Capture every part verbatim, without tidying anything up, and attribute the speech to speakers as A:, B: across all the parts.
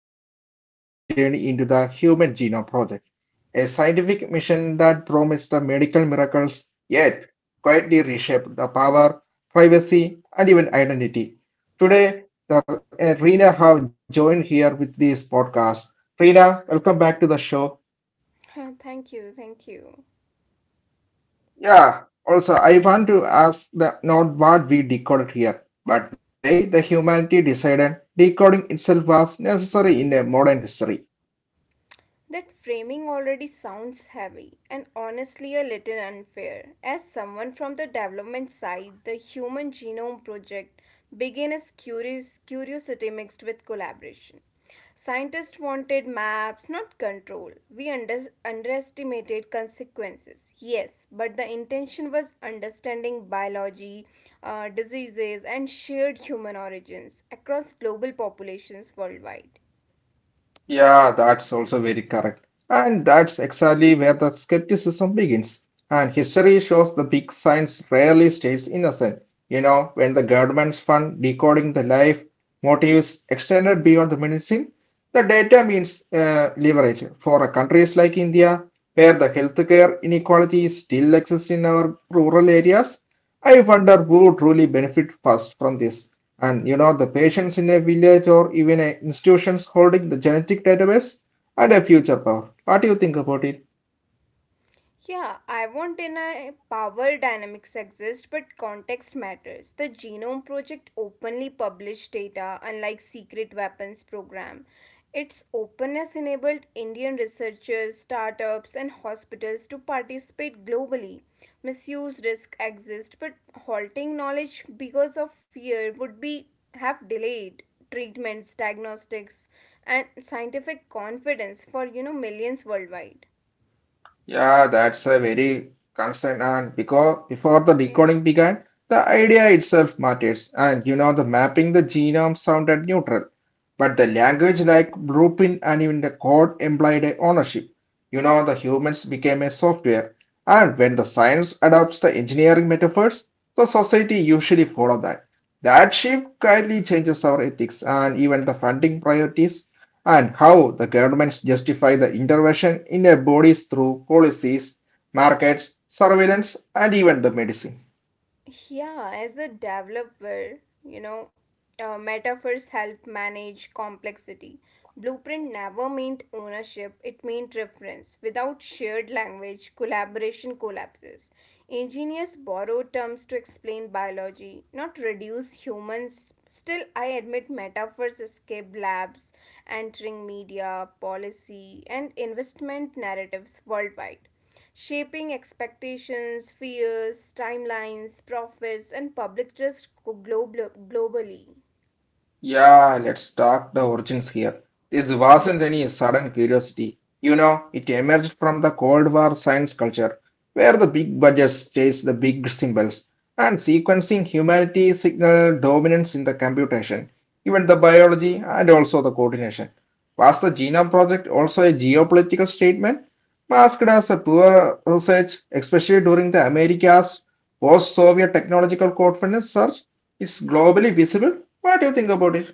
A: an uncomfortable journey into the Human Genome Project, a scientific mission that promised the medical miracles yet quietly reshaped the power, privacy, and even identity. Today, the, uh, Rina have joined here with this podcast. Rina, welcome back to the show.
B: thank you, thank you.
A: Yeah, also, I want to ask the not what we decoded here, but why the humanity decided decoding itself was necessary in a modern history.
B: That framing already sounds heavy and honestly a little unfair. As someone from the development side, the Human Genome Project began as curious, curiosity mixed with collaboration. Scientists wanted maps, not control. We under- underestimated consequences, yes, but the intention was understanding biology, uh, diseases, and shared human origins across global populations worldwide.
A: Yeah, that's also very correct. And that's exactly where the skepticism begins. And history shows the big science rarely stays innocent. You know, when the governments fund decoding the life motives extended beyond the medicine, the data means uh, leverage for a countries like India, where the healthcare inequality still exists in our rural areas. I wonder who truly benefit first from this, and you know the patients in a village or even a institutions holding the genetic database and a future power. What do you think about it?
B: Yeah, I won't deny power dynamics exist, but context matters. The Genome Project openly published data, unlike secret weapons program. Its openness enabled Indian researchers, startups, and hospitals to participate globally. Misuse risk exists, but halting knowledge because of fear would be have delayed treatments, diagnostics, and scientific confidence for you know millions worldwide.
A: Yeah, that's a very concern. And because before the
B: Yeah.
A: recording began, the idea itself matters. And you know, the mapping the genome sounded neutral, but the language like blueprint and even the code implied a ownership. You know, the humans became a software. And when the science adopts the engineering metaphors, the society usually follow that. That shift quietly changes our ethics and even the funding priorities and how the governments justify the intervention in their bodies through policies, markets, surveillance, and even the medicine.
B: Yeah, as a developer, you know, uh, metaphors help manage complexity. Blueprint never meant ownership, it meant reference. Without shared language, collaboration collapses. Engineers borrow terms to explain biology, not reduce humans. Still, I admit metaphors escape labs, entering media, policy, and investment narratives worldwide shaping expectations, fears, timelines, profits, and public trust global- globally.
A: Yeah, let's talk the origins here. This wasn't any sudden curiosity. You know, it emerged from the Cold War science culture, where the big budgets chase the big symbols, and sequencing humanity signaled dominance in the computation, even the biology and also the coordination. Was the Genome Project also a geopolitical statement, masked as a poor research, especially during the America's post-Soviet technological confidence surge? It's globally visible. What do you think about it?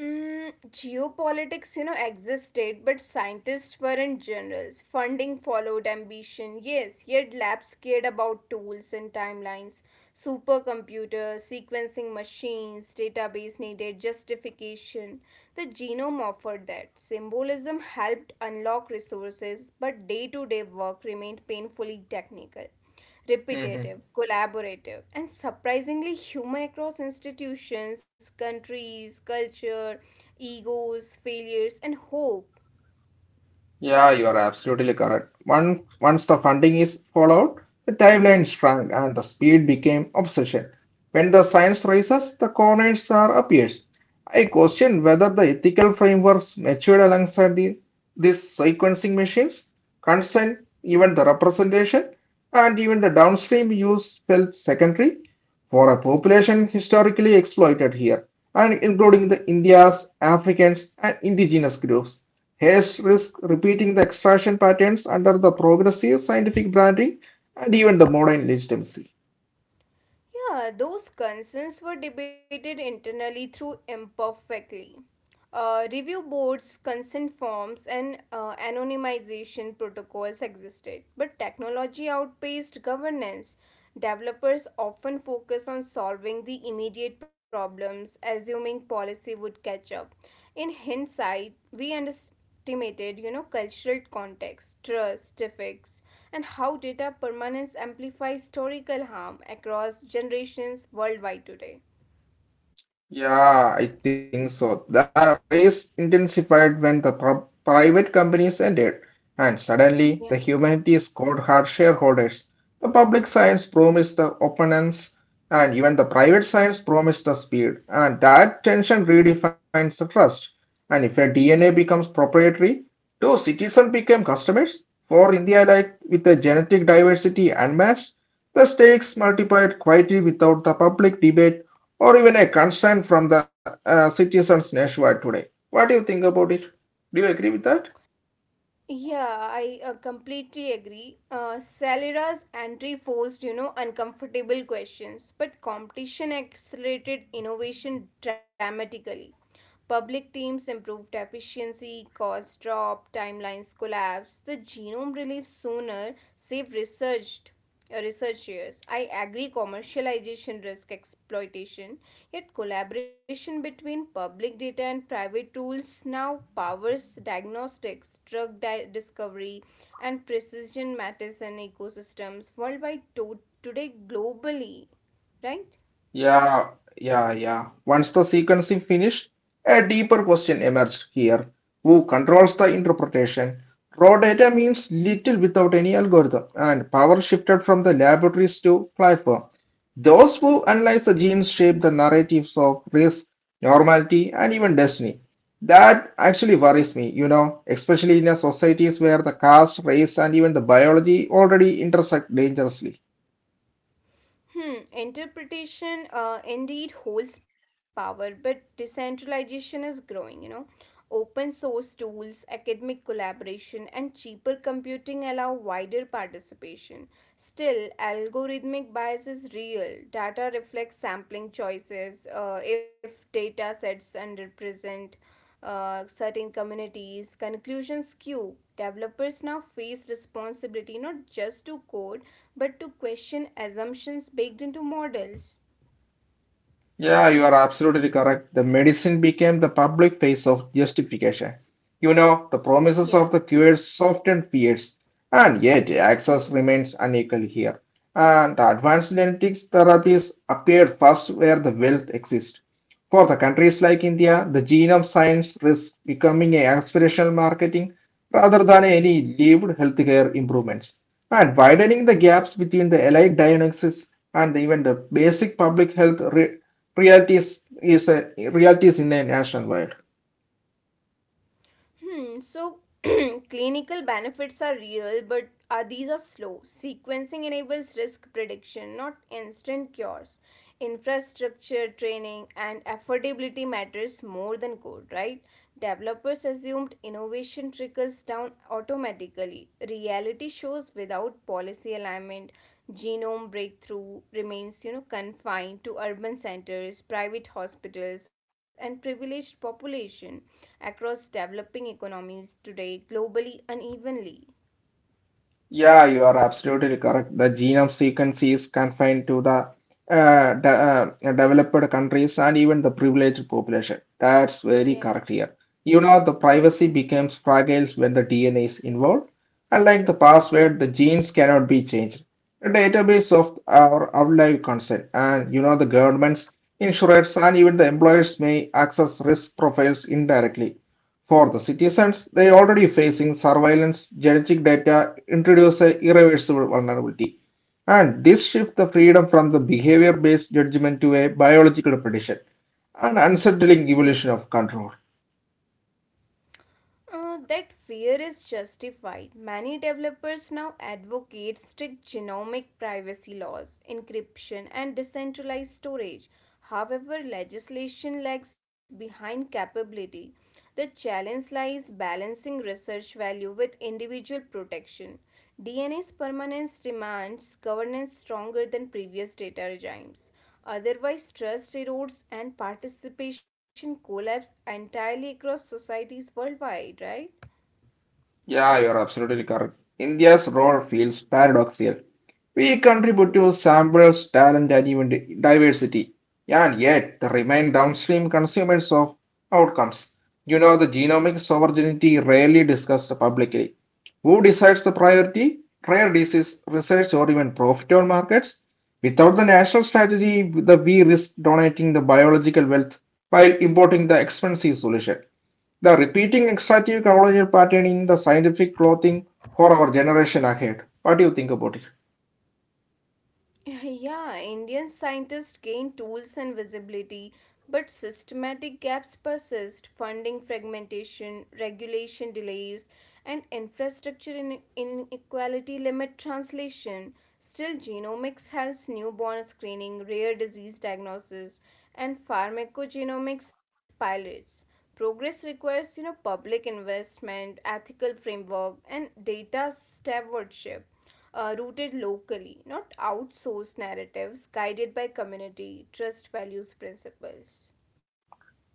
B: Mm, geopolitics, you know, existed, but scientists weren't generals. Funding followed ambition, yes, yet labs cared about tools and timelines. Supercomputers, sequencing machines, database needed justification. The genome offered that. Symbolism helped unlock resources, but day to day work remained painfully technical
A: Mhm.
B: repetitive, collaborative, and surprisingly human across institutions, countries, culture, egos, failures, and hope.
A: Yeah, you are absolutely correct. Once, once the funding is followed, the timeline shrank and the speed became obsession. When the science rises, the corners are appears. I question whether the ethical frameworks matured alongside the, these sequencing machines, consent, even the representation, and even the downstream use felt secondary for a population historically exploited here, and including the India's Africans and indigenous groups. Hays risks repeating the extraction patterns under the progressive scientific branding and even the modern legitimacy.
B: Yeah, those concerns were debated internally through imperfectly. Uh, review boards, consent forms, and uh, anonymization protocols existed, but technology outpaced governance. Developers often focus on solving the immediate problems, assuming policy would catch up. In hindsight, we understand estimated, you know, cultural context, trust, effects, and how data permanence amplifies historical harm across generations worldwide today.
A: Yeah, I think so. The race intensified when the pro- private companies ended, and suddenly the
B: Yeah.
A: humanities scored hard shareholders. The public science promised the opponents, and even the private science promised the speed, and that tension redefines the trust. And if a D N A becomes proprietary, do citizens become customers? For India, like with a genetic diversity unmatched, the stakes multiplied quietly without the public debate or even a concern from the uh, citizens nationwide today. What do you think about it? Do you agree with that?
B: Yeah, I uh, completely agree. Uh, Salera's entry forced, you know, uncomfortable questions, but competition accelerated innovation dramatically. Public teams improved efficiency, costs dropped, timelines collapsed. The genome relief sooner saved research researchers. I agree commercialization risk exploitation, yet collaboration between public data and private tools now powers diagnostics, drug di- discovery, and precision medicine ecosystems worldwide to- today globally, right?
A: Yeah, yeah, yeah. Once the sequencing finished, a deeper question emerged here. Who controls the interpretation? Raw data means little without any algorithm, and power shifted from the laboratories to platform. Those who analyze the genes shape the narratives of risk, normality, and even destiny. That actually worries me, you know, especially in a societies where the caste, race, and even the biology already intersect dangerously.
B: Hmm, interpretation uh, indeed holds power, but decentralization is growing, you know. Open source tools, academic collaboration, and cheaper computing allow wider participation. Still, algorithmic bias is real. Data reflects sampling choices, uh, if data sets underrepresent uh, certain communities. Conclusions Q. Developers now face responsibility not just to code but to question assumptions baked into models.
A: Yeah, you are absolutely correct. The medicine became the public face of justification. You know, the promises
B: Yeah.
A: of the cures softened fears, and yet access
B: Hmm.
A: remains unequal here. And the advanced genetics therapies appeared first where the wealth exists. For the countries like India, the genome science risks becoming an aspirational marketing rather than any lived healthcare improvements. And widening the gaps between the allied diagnosis and even the basic public health reality is, a, reality in the a nationwide.
B: Hmm, so clinical benefits are real, but uh, these are slow. Sequencing enables risk prediction, not instant cures. Infrastructure, training, and affordability matters more than code, right? Developers assumed innovation trickles down automatically. Reality shows without policy alignment, genome breakthrough remains you know confined to urban centers private hospitals and privileged population across developing economies today globally unevenly
A: Yeah, you are absolutely correct. The genome sequence is confined to the uh, de- uh, developed countries and even the privileged population. That's very correct
B: yeah.
A: here. You know, the privacy becomes fragile when the D N A is involved. Unlike the password, the genes cannot be changed. A database of our outlive consent, and you know, the governments, insurers, and even the employers may access risk profiles indirectly. For the citizens, they already facing surveillance, genetic data introduce a irreversible vulnerability. And this shift the freedom from the behavior based judgment to a biological prediction, an unsettling evolution of control.
B: Uh, that fear is justified. Many developers now advocate strict genomic privacy laws, encryption, and decentralized storage. However, legislation lags behind capability. The challenge lies balancing research value with individual protection. D N A's permanence demands governance stronger than previous data regimes. Otherwise, trust erodes and participation collapses entirely across societies worldwide, right?
A: Yeah, you're absolutely correct. India's role feels paradoxical. We contribute to samples, talent, and even diversity, and yet they remain downstream consumers of outcomes. You know, the genomic sovereignty rarely discussed publicly. Who decides the priority? Rare disease research or even profitable markets? Without the national strategy, the we risk donating the biological wealth while importing the expensive solution. The repeating extractive colonial pattern in the scientific clothing for our generation ahead. What do you think about it?
B: Yeah, Indian scientists gain tools and visibility, but systematic gaps persist funding fragmentation, regulation delays, and infrastructure in- inequality limit translation. Still, genomics helps newborn screening, rare disease diagnosis, and pharmacogenomics pilots. Progress requires, you know, public investment, ethical framework, and data stewardship uh, rooted locally, not outsourced narratives guided by community trust values principles.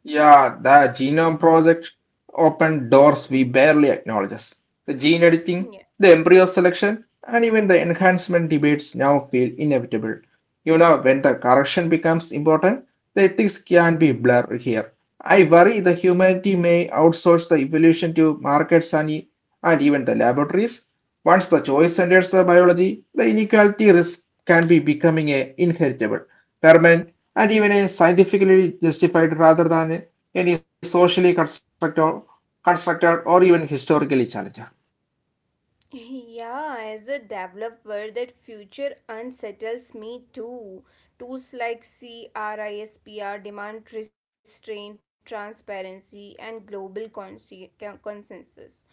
A: Yeah, the Genome Project opened doors we barely acknowledge. The gene editing,
B: Yeah.
A: the embryo selection, and even the enhancement debates now feel inevitable. You know, when the correction becomes important, the ethics can be blurred here. I worry the humanity may outsource the evolution to markets and, e- and even the laboratories. Once the choice enters the biology, the inequality risk can be becoming a inheritable permanent, and even a scientifically justified rather than any socially constructed, constructed or even historically challenged.
B: Yeah, as a developer, that future unsettles me too. Tools like CRISPR demand restraint, transparency, and global consi- con- consensus.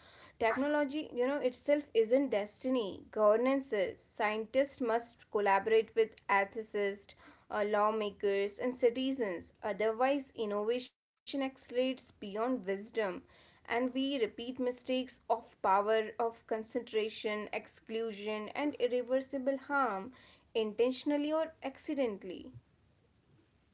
B: Technology, you know, itself isn't destiny. Governance is. Scientists must collaborate with ethicists, uh, lawmakers, and citizens. Otherwise, innovation accelerates beyond wisdom and we repeat mistakes of power of concentration, exclusion, and irreversible harm intentionally or accidentally.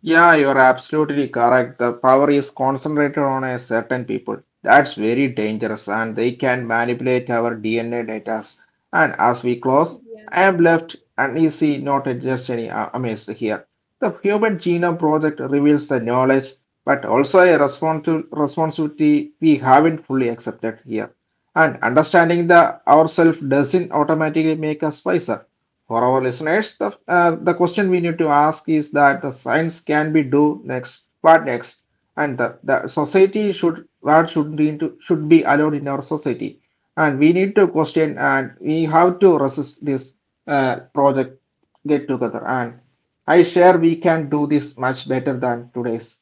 A: Yeah, you're absolutely correct. The power is concentrated on a certain people. That's very dangerous, and they can manipulate our D N A data. And as we close, I
B: Yeah.
A: am left uneasy, not just any uh, amazed here. The Human Genome Project reveals the knowledge, but also a responsi- responsibility we haven't fully accepted here. And understanding the ourselves doesn't automatically make us wiser. For our listeners, the, uh, the question we need to ask is that the science can be do next, what next, and the, the society should what should be into, should be allowed in our society, and we need to question and we have to resist this uh, project get together. And I share we can do this much better than today's.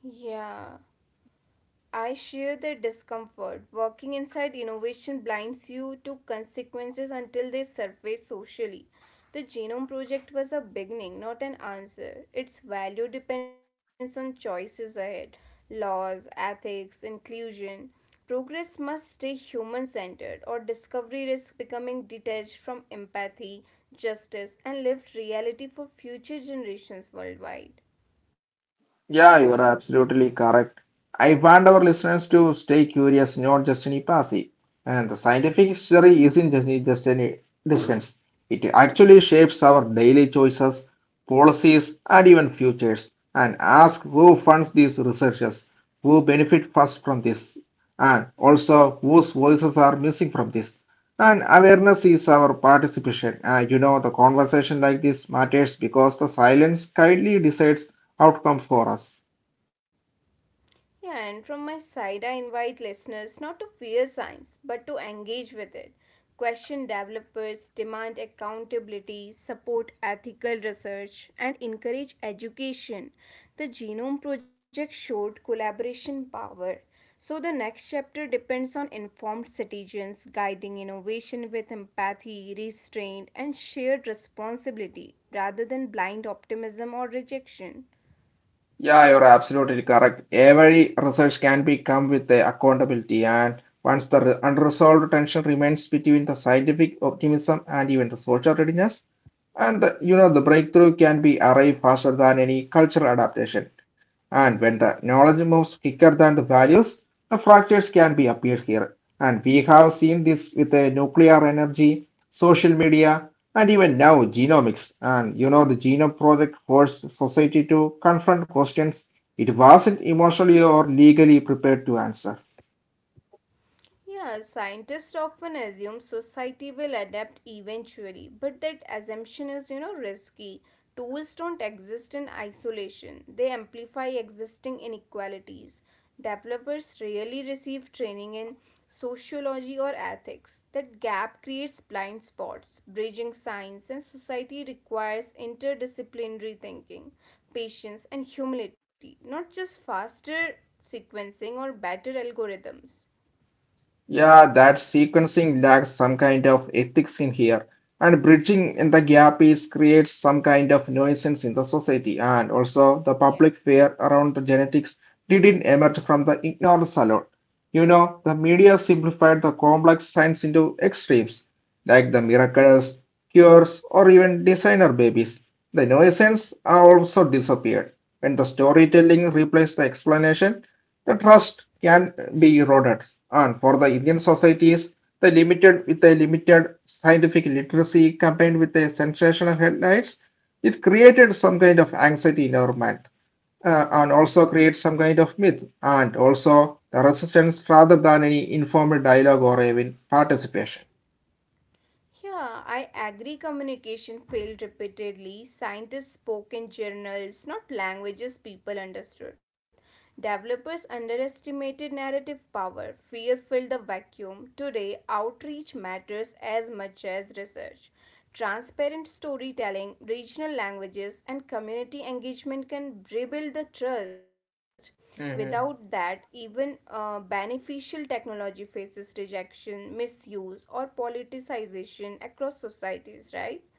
B: Yeah. I share their discomfort. Working inside innovation blinds you to consequences until they surface socially. The Genome Project was a beginning, not an answer. Its value depends on choices ahead laws, ethics, inclusion. Progress must stay human centered, or discovery risks becoming detached from empathy, justice, and lived reality for future generations worldwide.
A: Yeah, you're absolutely correct. I want our listeners to stay curious, not just any passive. And the scientific history isn't just, just any distance. It actually shapes our daily choices, policies, and even futures. And ask who funds these researchers, who benefit first from this, and also whose voices are missing from this. And awareness is our participation. Uh, you know, the conversation like this matters because the silence kindly decides outcome for us.
B: Yeah, and from my side, I invite listeners not to fear science, but to engage with it. Question developers, demand accountability, support ethical research, and encourage education. The Genome Project showed collaboration power. So, the next chapter depends on informed citizens guiding innovation with empathy, restraint, and shared responsibility rather than blind optimism or rejection.
A: Yeah, you're absolutely correct. Every research can be come with the accountability, and once the re- unresolved tension remains between the scientific optimism and even the social readiness. And uh, you know, the breakthrough can be arrived faster than any cultural adaptation. And when the knowledge moves quicker than
B: Yeah.
A: the values, the fractures can be appeared here. And we have seen this with uh, nuclear energy, social media, and even now genomics. And you know, the Genome Project forced society to confront questions it wasn't emotionally or legally prepared to answer.
B: Yeah, scientists often assume society will adapt eventually, but that assumption is, you know, risky. Tools don't exist in isolation, they amplify existing inequalities. Developers rarely receive training in sociology or ethics. That gap creates blind spots. Bridging science and society requires interdisciplinary thinking, patience, and humility, not just faster sequencing or better algorithms.
A: Yeah, that sequencing lacks some kind of ethics in here, and bridging in the gap is creates some kind of nuisance in the society, and also the
B: Yeah.
A: public fear around the genetics didn't emerge from the ignorance alone. You know, the media simplified the complex science into extremes, like the miracles, cures, or even designer babies. The nuisance also disappeared when the storytelling replaced the explanation. The trust can be eroded, and for the Indian societies, the limited with a limited scientific literacy combined with a sensational headlines, it created some kind of anxiety in our mind, uh, and also creates some kind of myth, and also the resistance rather than any informal dialogue or even participation.
B: Yeah, I agree. Communication failed repeatedly. Scientists spoke in journals, not languages people understood. Developers underestimated narrative power. Fear filled the vacuum. Today, outreach matters as much as research. Transparent storytelling, regional languages, and community engagement can rebuild the trust. Without that, even uh, beneficial technology faces rejection, misuse, or politicization across societies, right?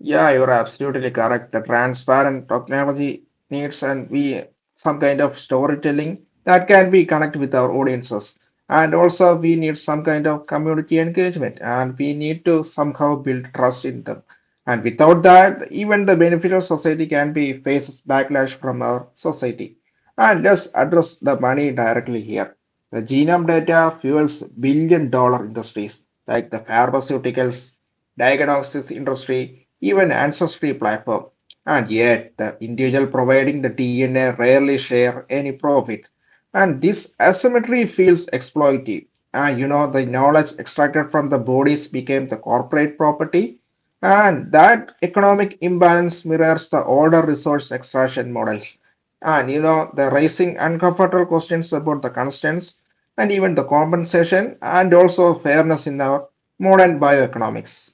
A: Yeah, you're absolutely correct. The transparent technology needs and we some kind of storytelling that can be connect with our audiences. And also we need some kind of community engagement and we need to somehow build trust in them. And without that, even the benefit of society can be faces backlash from our society. And let's address the money directly here. The genome data fuels billion dollar industries like the pharmaceuticals diagnostics industry, even ancestry platform. And yet, the individual providing the D N A rarely share any profit. And this asymmetry feels exploitive. And you know, the knowledge extracted from the bodies became the corporate property. And that economic imbalance mirrors the older resource extraction models. And you know, the raising uncomfortable questions about the constants and even the compensation and also fairness in our modern bioeconomics.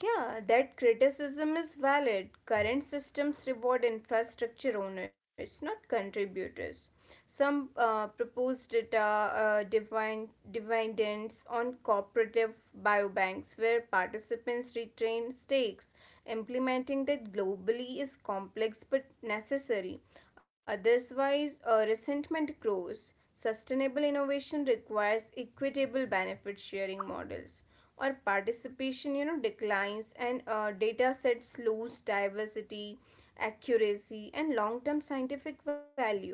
B: Yeah, that criticism is valid. Current systems reward infrastructure owners, not contributors. Some uh, propose data uh, divine, dividends on cooperative biobanks where participants retain stakes. Implementing that globally is complex but necessary. Otherwise, uh, resentment grows. Sustainable innovation requires equitable benefit sharing models or participation you know declines and uh, data sets lose diversity accuracy and long-term scientific value.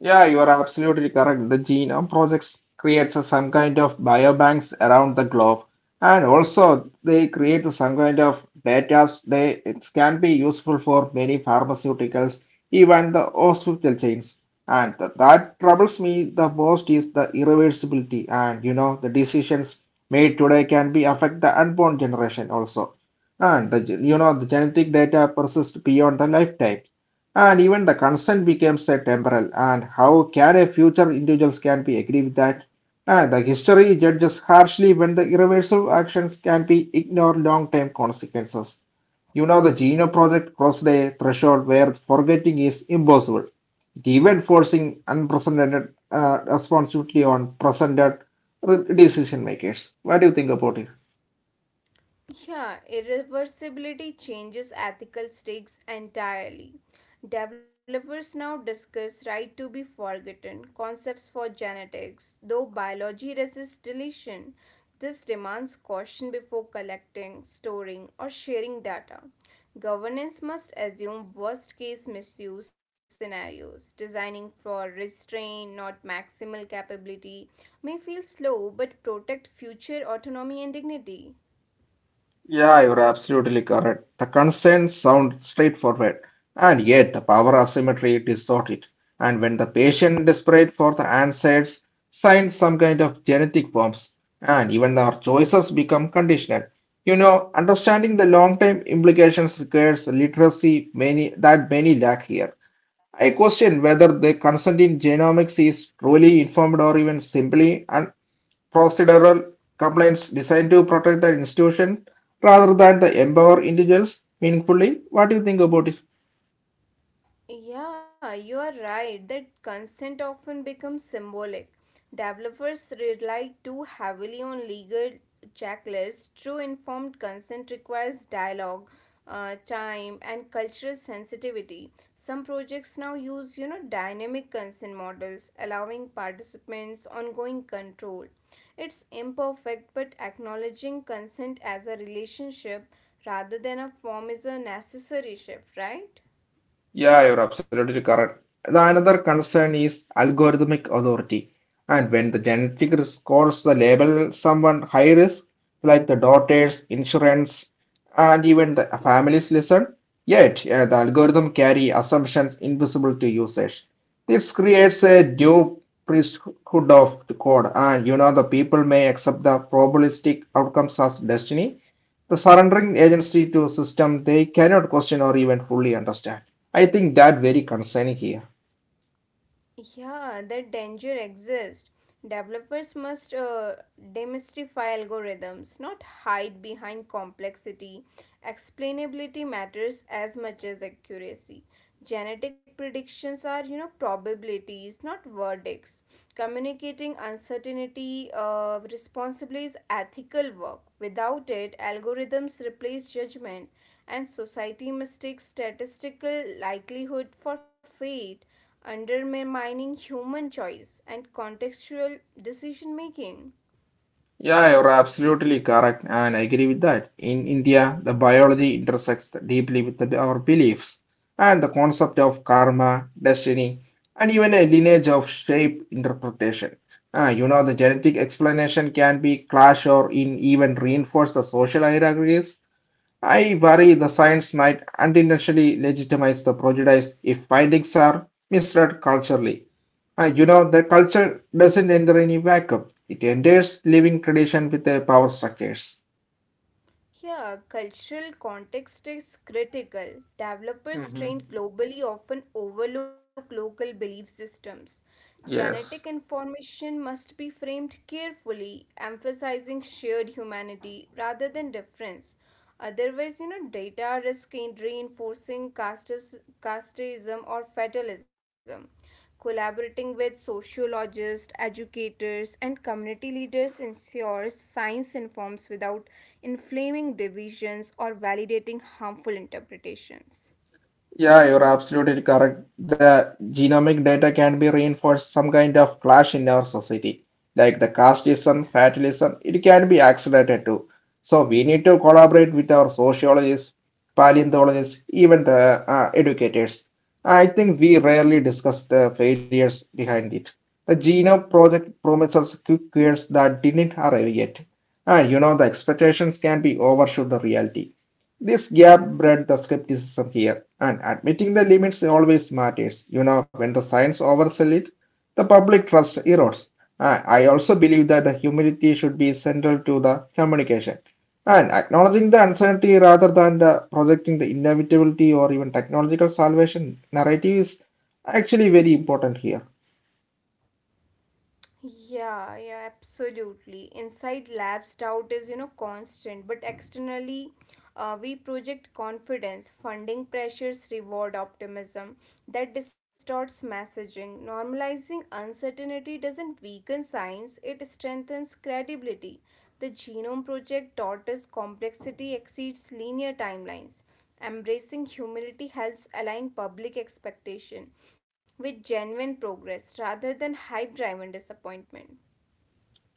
A: Yeah, you are absolutely correct. The Genome projects creates a- some kind of biobanks around the globe, and also they create some kind of data they it can be useful for many pharmaceuticals, even the hospital chains. And th- that troubles me the most is the irreversibility, and you know the decisions made today can be affect the unborn generation also, and the gen- you know the genetic data persists beyond the lifetime. And even the consent becomes a temporal. And how can a future individuals can be agree with that? Ah, the history judges harshly when the irreversible actions can be ignore long-term consequences. You know, the Genome Project crossed a threshold where forgetting is impossible. It even forcing unprecedented uh, responsibility on presented decision makers. What do you think about it?
B: Yeah, irreversibility changes ethical stakes entirely. Developers now discuss right to be forgotten, concepts for genetics, though biology resists deletion. This demands caution before collecting, storing, or sharing data. Governance must assume worst case misuse scenarios. Designing for restraint, not maximal capability, may feel slow but protect future autonomy and dignity.
A: Yeah, you're absolutely correct. The concerns
B: Yeah.
A: sound straightforward, and yet the power asymmetry distort it. And when the patient desperate for the answers, signs some kind of genetic forms, and even our choices become conditional. You know, understanding the long-term implications requires literacy many that many lack here. I question whether the consent in genomics is truly informed or even simply procedural complaints designed to protect the institution rather than the empower individuals meaningfully. What do you think about it?
B: Yeah, you are right that consent often becomes symbolic. Developers rely too heavily on legal checklists. True informed consent requires dialogue, uh, time, and cultural sensitivity. Some projects now use, you know, dynamic consent models, allowing participants ongoing control. It's imperfect, but acknowledging consent as a relationship rather than a form is a necessary shift, right?
A: Yeah, you're absolutely correct. The another concern is algorithmic authority. And when the genetic risk scores the label someone high risk, like the daughters, insurance, and even the families listen, yet uh, the algorithm carry assumptions invisible to users. This creates a new priesthood of the code, and you know the people may accept the probabilistic outcomes as destiny. The surrendering agency to a system they cannot question or even fully understand. I think that very concerning here.
B: Yeah, that danger exists. Developers must uh, demystify algorithms, not hide behind complexity. Explainability matters as much as accuracy. Genetic predictions are, you know, probabilities, not verdicts. Communicating uncertainty uh, responsibly is ethical work. Without it, algorithms replace judgment, and society mistakes statistical likelihood for fate undermining human choice and contextual decision making.
A: Yeah, you're absolutely correct, and I agree with that. In India, the biology intersects deeply with the- our beliefs, and the concept of karma, destiny, and even a lineage of shape interpretation. Ah, you know, the genetic explanation can be clash or in even reinforce the social hierarchies. I worry the science might unintentionally legitimize the prejudice if findings are misread culturally. Uh, you know, the culture doesn't enter any vacuum. It enters living tradition with their power structures.
B: Yeah, cultural context is critical. Developers
A: Mhm.
B: trained globally often overlook local belief systems. Genetic
A: Yes.
B: information must be framed carefully, emphasizing shared humanity rather than difference. Otherwise, you know, data risk in reinforcing castes- casteism or fatalism. Collaborating with sociologists, educators, and community leaders ensures science informs without inflaming divisions or validating harmful interpretations.
A: Yeah, you're absolutely correct. The genomic data can be reinforced some kind of clash in our society, like the casteism, fatalism, it can be accelerated too. So we need to collaborate with our sociologists, paleontologists, even the uh, educators. I think we rarely discuss the failures behind it. The genome project promises quick cures that didn't arrive yet. And you know, the expectations can be overshoot the reality. This gap bred the skepticism here, and admitting the limits always matters. You know, when the science oversells it, the public trust erodes. I I also believe that the humility should be central to the communication, and acknowledging the uncertainty rather than the projecting the inevitability or even technological salvation narrative is actually very important here.
B: Yeah, yeah, absolutely. Inside labs, doubt is, you know, constant, but externally, uh, we project confidence, funding pressures, reward optimism that distorts messaging. Normalizing uncertainty doesn't weaken science, it strengthens credibility. The Genome Project taught us complexity exceeds linear timelines. Embracing humility helps align public expectation with genuine progress rather than hype driven disappointment.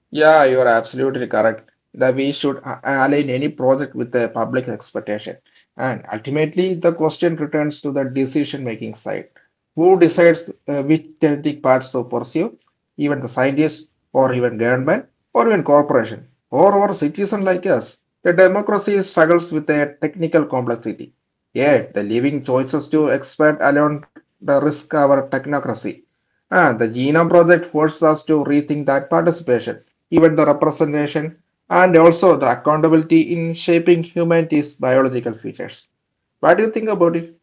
A: Yeah, you are absolutely correct. That we should a- align any project with the public expectation. And ultimately, the question returns to the decision-making side. Who decides uh, which genetic paths to pursue? Even the scientists, or even government, or even corporation, or our citizen like us. The democracy struggles with a technical complexity. Yet, the leaving choices to expand alone the risk our technocracy. And the Genome Project forces us to rethink that participation even the representation, and also the accountability in shaping humanity's biological features. What do you think about it?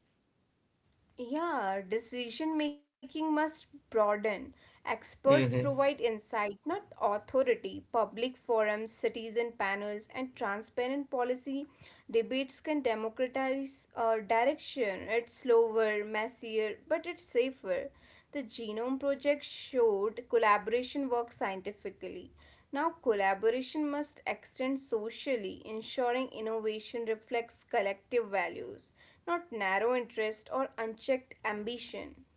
B: Yeah, decision making must broaden. Experts
A: Mhm.
B: provide insight, not authority. Public forums, citizen panels, and transparent policy debates can democratize uh, direction. It's slower, messier, but it's safer. The Genome Project showed collaboration works scientifically. Now, collaboration must extend socially, ensuring innovation reflects collective values not narrow interest or unchecked ambition.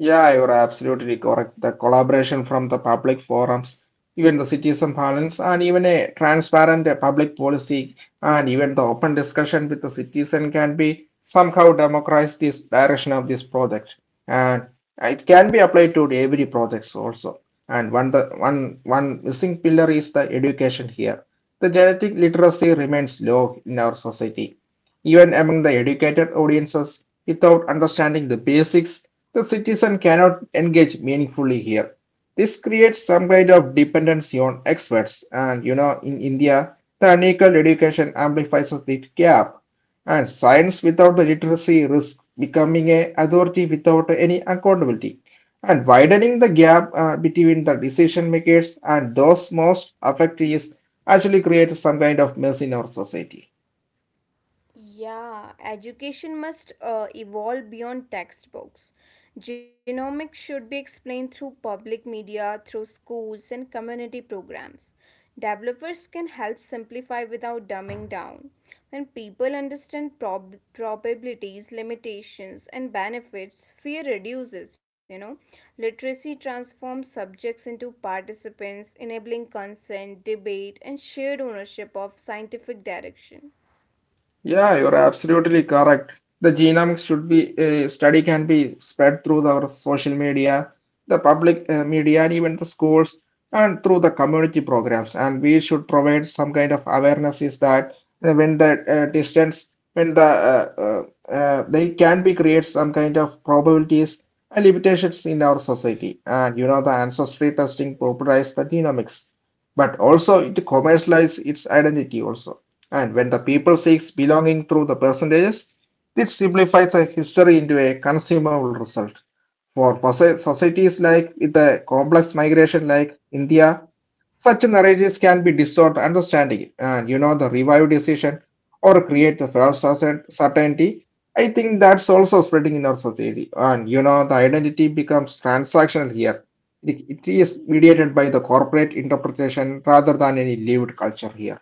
A: Yeah, you're absolutely correct. The collaboration from the public forums, even the citizen parlance, and even a transparent uh, public policy, and even the open discussion with the citizen can be somehow democratize this direction of this project. And it can be applied to every projects also. And one the one one missing pillar is the education here. The genetic literacy remains low in our society, even among the educated audiences. Without understanding the basics, the citizen cannot engage meaningfully here. This creates some kind of dependency on experts, and you know, in India, the unequal education amplifies the gap, and science without the literacy risks becoming a authority without any accountability, and widening the gap uh, between the decision makers and those most affected is actually creates some kind of mess in our society.
B: Yeah, education must uh, evolve beyond textbooks. Genomics should be explained through public media, through schools, and community programs. Developers can help simplify without dumbing down. When people understand prob- probabilities, limitations, and benefits, fear reduces, you know. Literacy transforms subjects into participants, enabling consent, debate, and shared ownership of scientific direction.
A: Yeah, you're absolutely correct. The genome should be uh, study can be spread through the, our social media, the public uh, media, and even the schools, and through the community programs. And we should provide some kind of awareness is that uh, when the uh, distance, when the uh, uh, uh, they can be create some kind of probabilities and limitations in our society. And you know the ancestry testing popularized the genomics, but also it commercialized its identity also and when the people seeks belonging through the percentages, it simplifies a history into a consumable result. For societies like with a complex migration like India, such narratives can be distort understanding and you know the revive decision or create the false certain- certainty. I think that's also spreading in our society. And you know the identity becomes transactional here. It, it is mediated by the corporate interpretation rather than any lived culture here.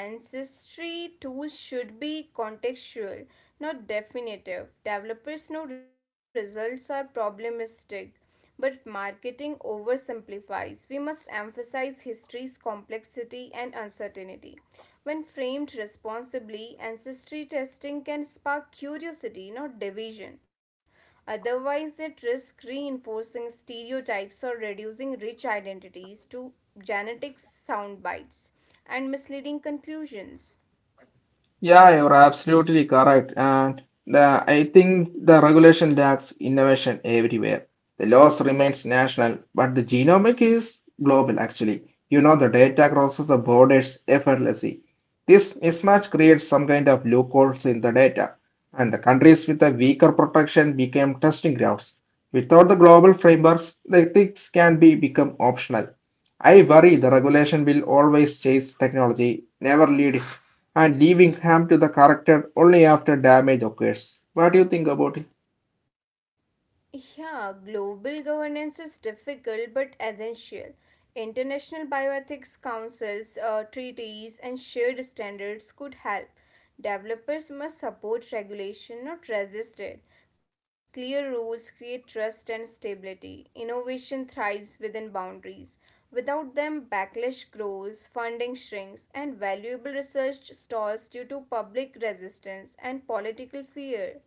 B: Yeah, ancestry tools should be contextual, not definitive. Developers know results are problematic, but marketing oversimplifies. We must emphasize history's complexity and uncertainty. When framed responsibly, ancestry testing can spark curiosity, not division. Otherwise, it risks reinforcing stereotypes or reducing rich identities to genetic sound bites and misleading conclusions.
A: Yeah, you're absolutely correct. And the, I think the regulation lacks innovation everywhere. The laws remains national, but the genomic is global actually. You know, the data crosses the borders effortlessly. This mismatch creates some kind of loopholes in the data, and the countries with a weaker protection became testing grounds. Without the global frameworks, the ethics can be become optional. I worry the regulation will always chase technology, never lead it, and leaving harm to the character only after damage occurs. What do you think about it?
B: Yeah, global governance is difficult but essential. International bioethics councils, uh, treaties, and shared standards could help. Developers must support regulation, not resist it. Clear rules create trust and stability. Innovation thrives within boundaries. Without them, backlash grows, funding shrinks, and valuable research stalls due to public resistance and political fear.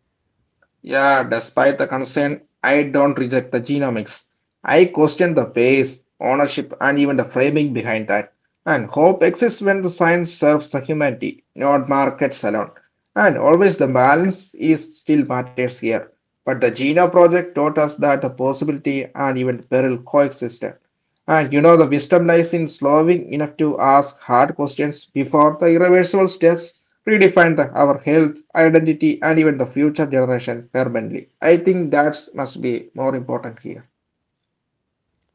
A: Yeah, despite the concern, I don't reject the genomics. I question the pace, ownership, and even the framing behind that. And hope exists when the science serves the humanity, not markets alone. And always the balance is still matters here. But the Genome Project taught us that the possibility and even peril coexist. And you know the wisdom lies in slowing enough to ask hard questions before the irreversible steps redefine the, our health, identity, and even the future generation permanently. I think that must be more important here.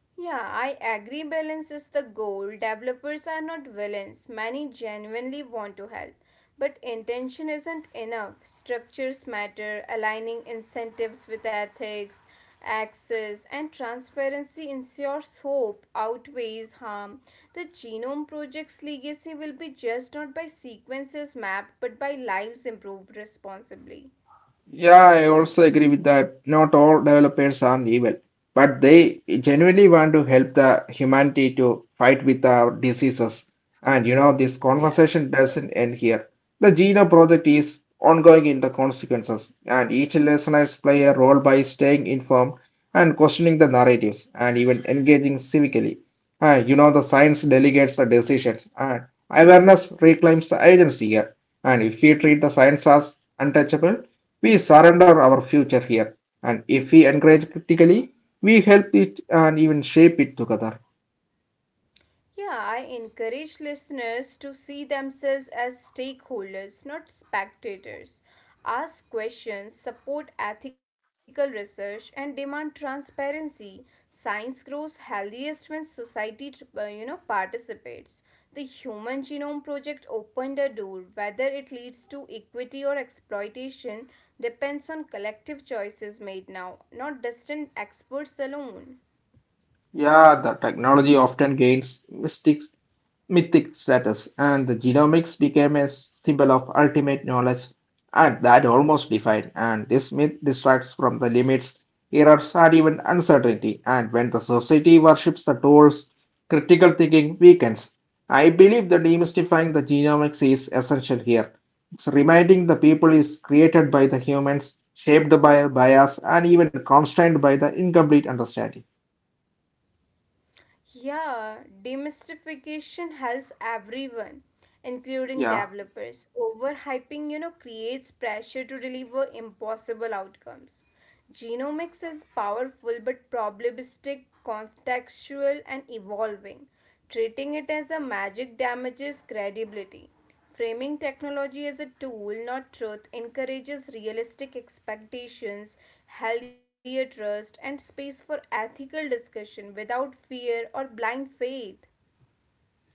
B: Yeah, I agree. Balance is the goal. Developers are not villains. Many genuinely want to help. But intention isn't enough. Structures matter, aligning incentives with ethics, access, and transparency ensures hope outweighs harm. The Genome Project's legacy will be judged not by sequences mapped but by lives improved responsibly.
A: Yeah, I also agree with that. Not all developers are evil, but they genuinely want to help the humanity to fight with our diseases. And you know, this
B: Yeah.
A: conversation doesn't end here. The Geno project is ongoing in the consequences, and each listeners play a role by staying informed and questioning the narratives and even engaging civically. And you know, the science delegates the decisions, and awareness reclaims the agency here. And if we treat the science as untouchable, we surrender our future here, and if we engage critically, we help it and even shape it together.
B: Yeah, I encourage listeners to see themselves as stakeholders, not spectators. Ask questions, support ethical research, and demand transparency. Science grows healthiest when society, tr- uh, you know, participates. The Human Genome Project opened a door. Whether it leads to equity or exploitation depends on collective choices made now, not distant experts alone.
A: Yeah, the technology often gains mystic mythic status, and the genomics became a symbol of ultimate knowledge, and that almost defined. And this myth distracts from the limits, errors, and even uncertainty. And when the society worships the tools, critical thinking weakens. I believe the demystifying the genomics is essential here. It's reminding the people is created by the humans, shaped by bias, and even constrained by the incomplete understanding.
B: Yeah, demystification helps everyone,
A: Yeah.
B: including developers. Overhyping, you know, creates pressure to deliver impossible outcomes. Genomics is powerful but probabilistic, contextual, and evolving. Treating it as a magic damages credibility. Framing technology as a tool, not truth, encourages realistic expectations, healthier trust, and space for ethical discussion without fear or blind faith.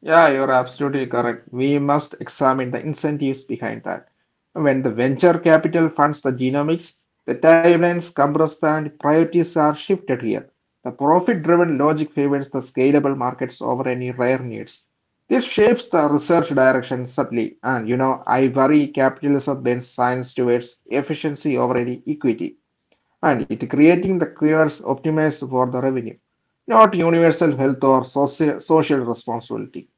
A: Yeah, you're absolutely correct. We must examine the incentives behind that. When the venture capital funds the genomics, the timelines compressed and priorities are shifted here. The profit-driven logic favors the scalable markets over any rare needs. This shapes the research direction subtly, and you know, I worry capitalism bends science towards efficiency over any equity, and it creating the cures optimized for the revenue, not universal health or soci- social responsibility.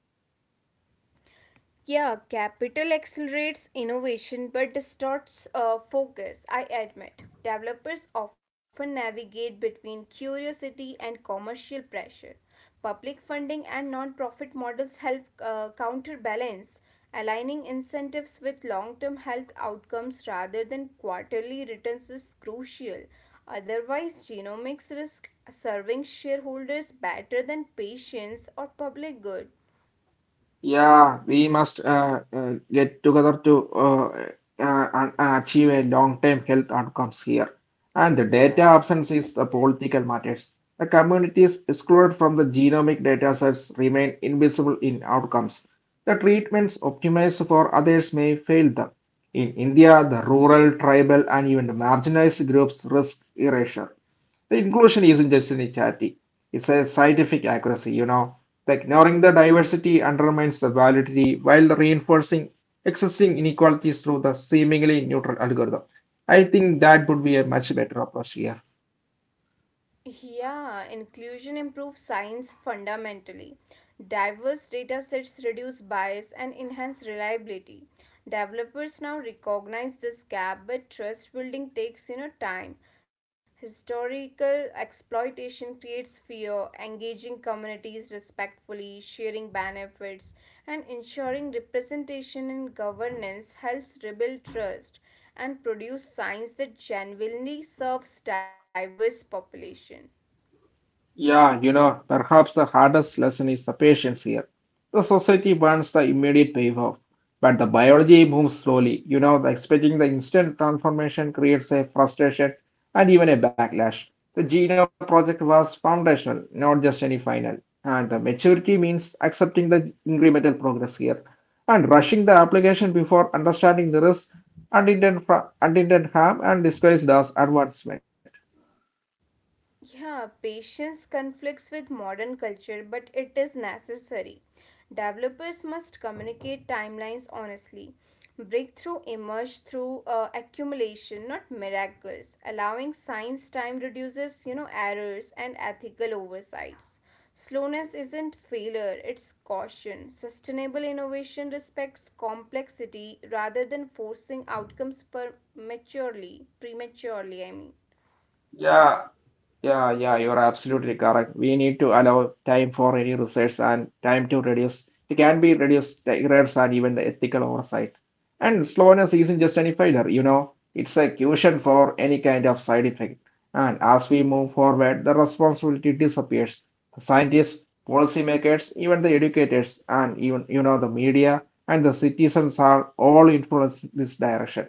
B: Yeah, capital accelerates innovation but distorts uh, focus, I admit. Developers often navigate between curiosity and commercial pressure. Public funding and non-profit models help uh, counterbalance, aligning incentives with long-term health outcomes rather than quarterly returns is crucial. Otherwise, genomics risk serving shareholders better than patients or public good.
A: Yeah, we must uh, uh, get together to uh, uh, and- uh, achieve a long-term health outcomes here. And the data
B: Yeah,
A: absence
B: absolutely.
A: is the political matters. The communities excluded from the genomic data sets remain invisible in outcomes. The treatments optimized for others may fail them. In India, the rural, tribal, and even the marginalized groups risk erasure. The inclusion isn't just a charity, it's a scientific accuracy, you know. The ignoring the diversity undermines the validity while reinforcing existing inequalities through the seemingly neutral algorithm. I think that would be a much better approach here.
B: Yeah, inclusion improves science fundamentally. Diverse data sets reduce bias and enhance reliability. Developers now recognize this gap, but trust building takes you know time. Historical exploitation creates fear, engaging communities respectfully, sharing benefits, and ensuring representation in governance helps rebuild trust and produce science that genuinely serves diverse population.
A: Yeah, you know, perhaps the hardest lesson is the patience here. The society wants the immediate payoff, but the biology moves slowly. You know, the expecting the instant transformation creates a frustration and even a backlash. The Geno project was foundational, not just any final. And the maturity means accepting the incremental progress here and rushing the application before understanding the risk, unintended, fra- unintended harm, and disguised as advancement.
B: Yeah, patience conflicts with modern culture, but it is necessary. Developers must communicate timelines honestly. Breakthrough emerge through uh, accumulation, not miracles. Allowing science time reduces, you know, errors and ethical oversights. Slowness isn't failure, it's caution. Sustainable innovation respects complexity rather than forcing outcomes prematurely. Prematurely, I mean.
A: Yeah, Yeah, yeah, you're absolutely correct. We need to allow time for any research and time to reduce. It can be reduced the errors and even the ethical oversight. And slowness isn't just any failure, you know, it's a cushion for any kind of side effect. And as we move forward, the responsibility disappears. The scientists, policymakers, even the educators, and even, you know, the media and the citizens are all influenced this direction.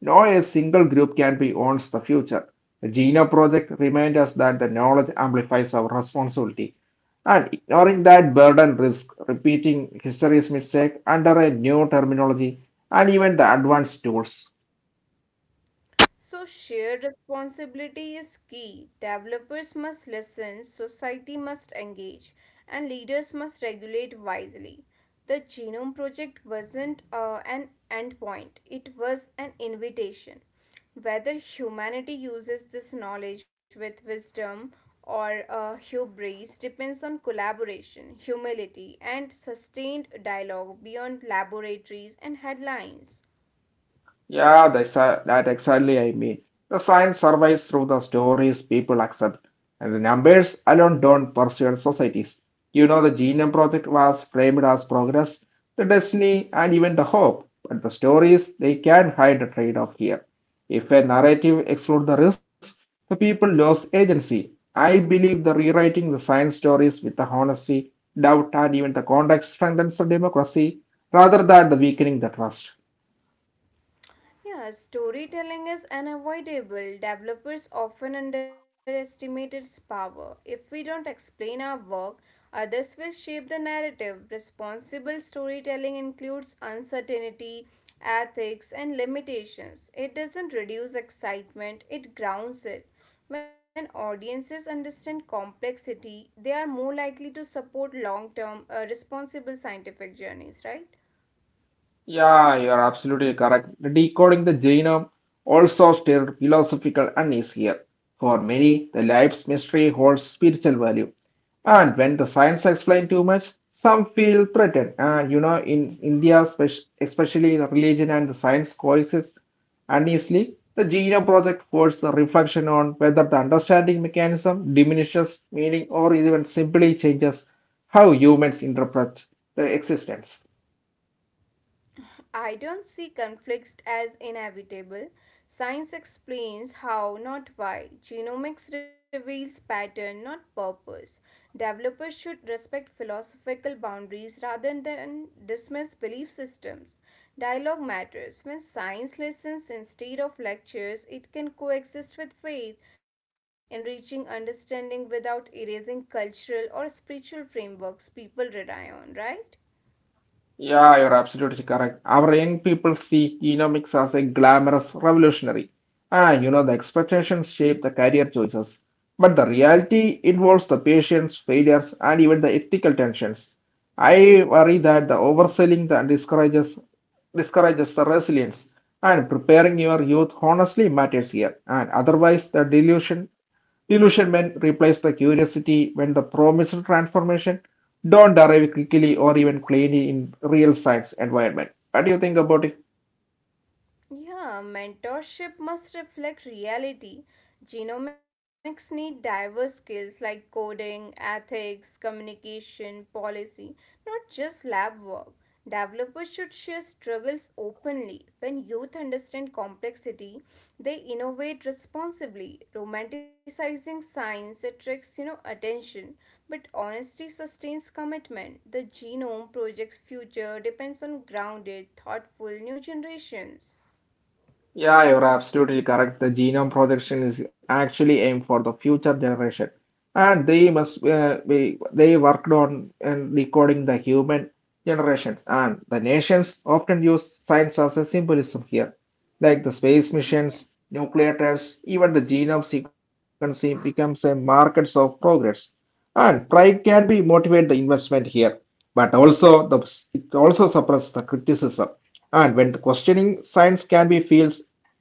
A: No a single group can be owns the future. The Genome Project reminds us that the knowledge amplifies our responsibility, and ignoring that burden risks repeating history's mistake under a new terminology and even the advanced tools.
B: So, shared responsibility is key. Developers must listen, society must engage, and leaders must regulate wisely. The Genome Project wasn't uh, an endpoint, it was an invitation. Whether humanity uses this knowledge with wisdom or uh, hubris depends on collaboration, humility, and sustained dialogue beyond laboratories and headlines.
A: Yeah, that's, uh, that exactly I mean. The science survives through the stories people accept, and the numbers alone don't persuade societies. You know, the Genome Project was framed as progress, the destiny, and even the hope, but the stories, they can hide the trade-off here. If a narrative excludes the risk, the people lose agency. I believe the rewriting the science stories with the honesty, doubt, and even the context strengthens the democracy rather than the weakening the trust.
B: Yeah, storytelling is unavoidable. Developers often underestimate its power. If we don't explain our work, others will shape the narrative. Responsible storytelling includes uncertainty, ethics, and limitations. It doesn't reduce excitement, it grounds it. When audiences understand complexity, they are more likely to support long term, responsible scientific journeys, right?
A: Yeah, you're absolutely correct. Decoding the genome also still philosophical and is here. For many, the life's mystery holds spiritual value. And when the science explains too much, some feel threatened. And you know, in India, spec- especially the religion and the science coexist uneasily. The genome project forced a reflection on whether the understanding mechanism diminishes meaning or even simply changes how humans interpret the existence.
B: I don't see conflicts as inevitable. Science explains how, not why. Genomics reveals pattern, not purpose. Developers should respect philosophical boundaries rather than dismiss belief systems. Dialogue matters. When science listens instead of lectures, it can coexist with faith, enriching understanding without erasing cultural or spiritual frameworks people rely on, right?
A: Yeah, you're absolutely correct. Our young people see genomics as a glamorous revolutionary. Ah, you know, the expectations shape the career choices. But the reality involves the patients, failures, and even the ethical tensions. I worry that the overselling that discourages discourages the resilience and preparing your youth honestly matters here, and otherwise the delusion Delusionment replaced the curiosity when the promised transformation don't arrive quickly or even cleanly in real science environment. What do you think about it?
B: Yeah, mentorship must reflect reality. Genomics need diverse skills like coding, ethics, communication, policy, not just lab work. Developers should share struggles openly. When youth understand complexity, they innovate responsibly. Romanticizing science attracts, you know, attention, but honesty sustains commitment. The genome project's future depends on grounded, thoughtful new generations.
A: Yeah, you're absolutely correct. The genome projection is actually aimed for the future generation, and they must uh, be they worked on and recording the human generations. And the nations often use science as a symbolism here, like the space missions,
B: Yeah.
A: nuclear tests, even the genome sequencing becomes a markers of progress. And pride can be motivate the investment here, but also the it also suppress the criticism. And when the questioning science can be feels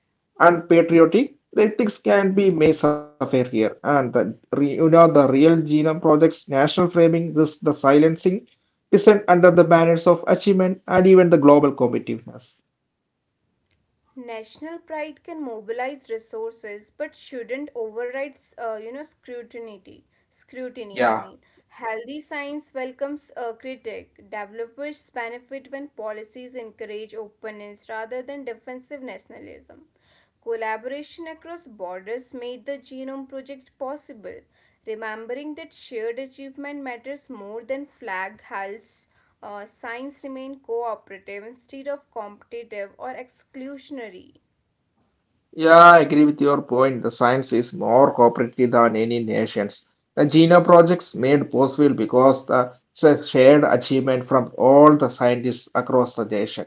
A: and patriotic, the ethics can be made suffer here. And the, re- you know, the real genome project's national framing risks the silencing dissent under the banners of achievement and even the global competitiveness.
B: National pride can mobilize resources but shouldn't override uh, you know scrutiny, scrutiny I
A: Yeah.
B: mean Healthy science welcomes a critic. Developers benefit when policies encourage openness rather than defensive nationalism. Collaboration across borders made the Genome Project possible, remembering that shared achievement matters more than flag hulls. Uh, science remained cooperative instead of competitive or exclusionary.
A: Yeah, I agree with your point. The science is more cooperative than any nations. The Gina projects made possible because the, it's a shared achievement from all the scientists across the nation.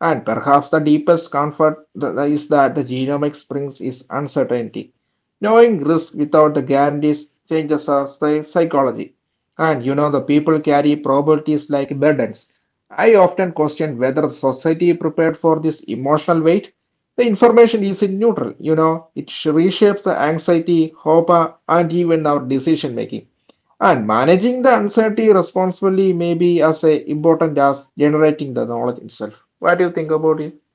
A: And perhaps the deepest comfort th- is that the genomics brings is uncertainty. Knowing risk without the guarantees changes our psy- psychology. And you know, the people carry probabilities like burdens. I often question whether society prepared for this emotional weight. The information is in neutral, you know, it reshapes the anxiety, hope, uh, and even our decision making. And managing the uncertainty responsibly may be as uh, important as generating the knowledge itself. What do you think about it?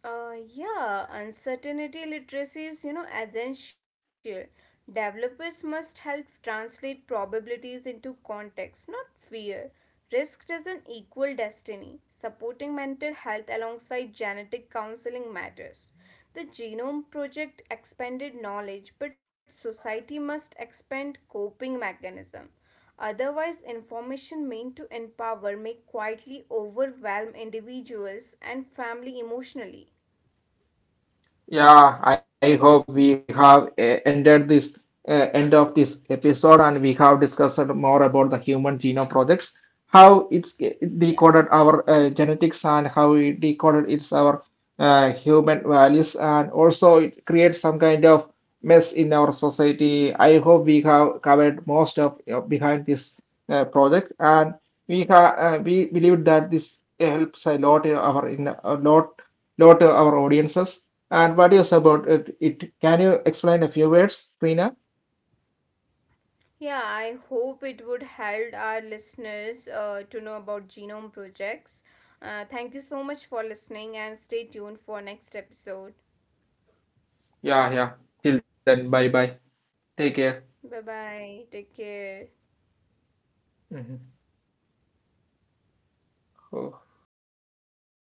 B: Uh, yeah, uncertainty literacy is, you know, essential. Developers must help translate probabilities into context, not fear. Risk doesn't equal destiny. Supporting mental health alongside genetic counseling matters. The Genome Project expanded knowledge, but society must expand coping mechanism. Otherwise, information meant to empower may quietly overwhelm individuals and family emotionally.
A: Yeah, I hope we have uh, ended this uh, end of this episode, and we have discussed more about the human genome projects, how it's it
B: Yeah.
A: decoded our uh, genetics and how it decoded its our uh, human values, and also it creates some kind of mess in our society. I hope we have covered most of you behind this uh, project, and we ha uh, we believe that this helps a lot in our in a lot lot to our audiences. And what is about it, it? Can you explain a few words, Prina?
B: Yeah, I hope it would help our listeners uh, to know about genome projects. Uh, thank you so much for listening and stay tuned for next episode.
A: Yeah, yeah. Till then, bye bye. Take care.
B: Bye bye. Take care.
A: Mhm.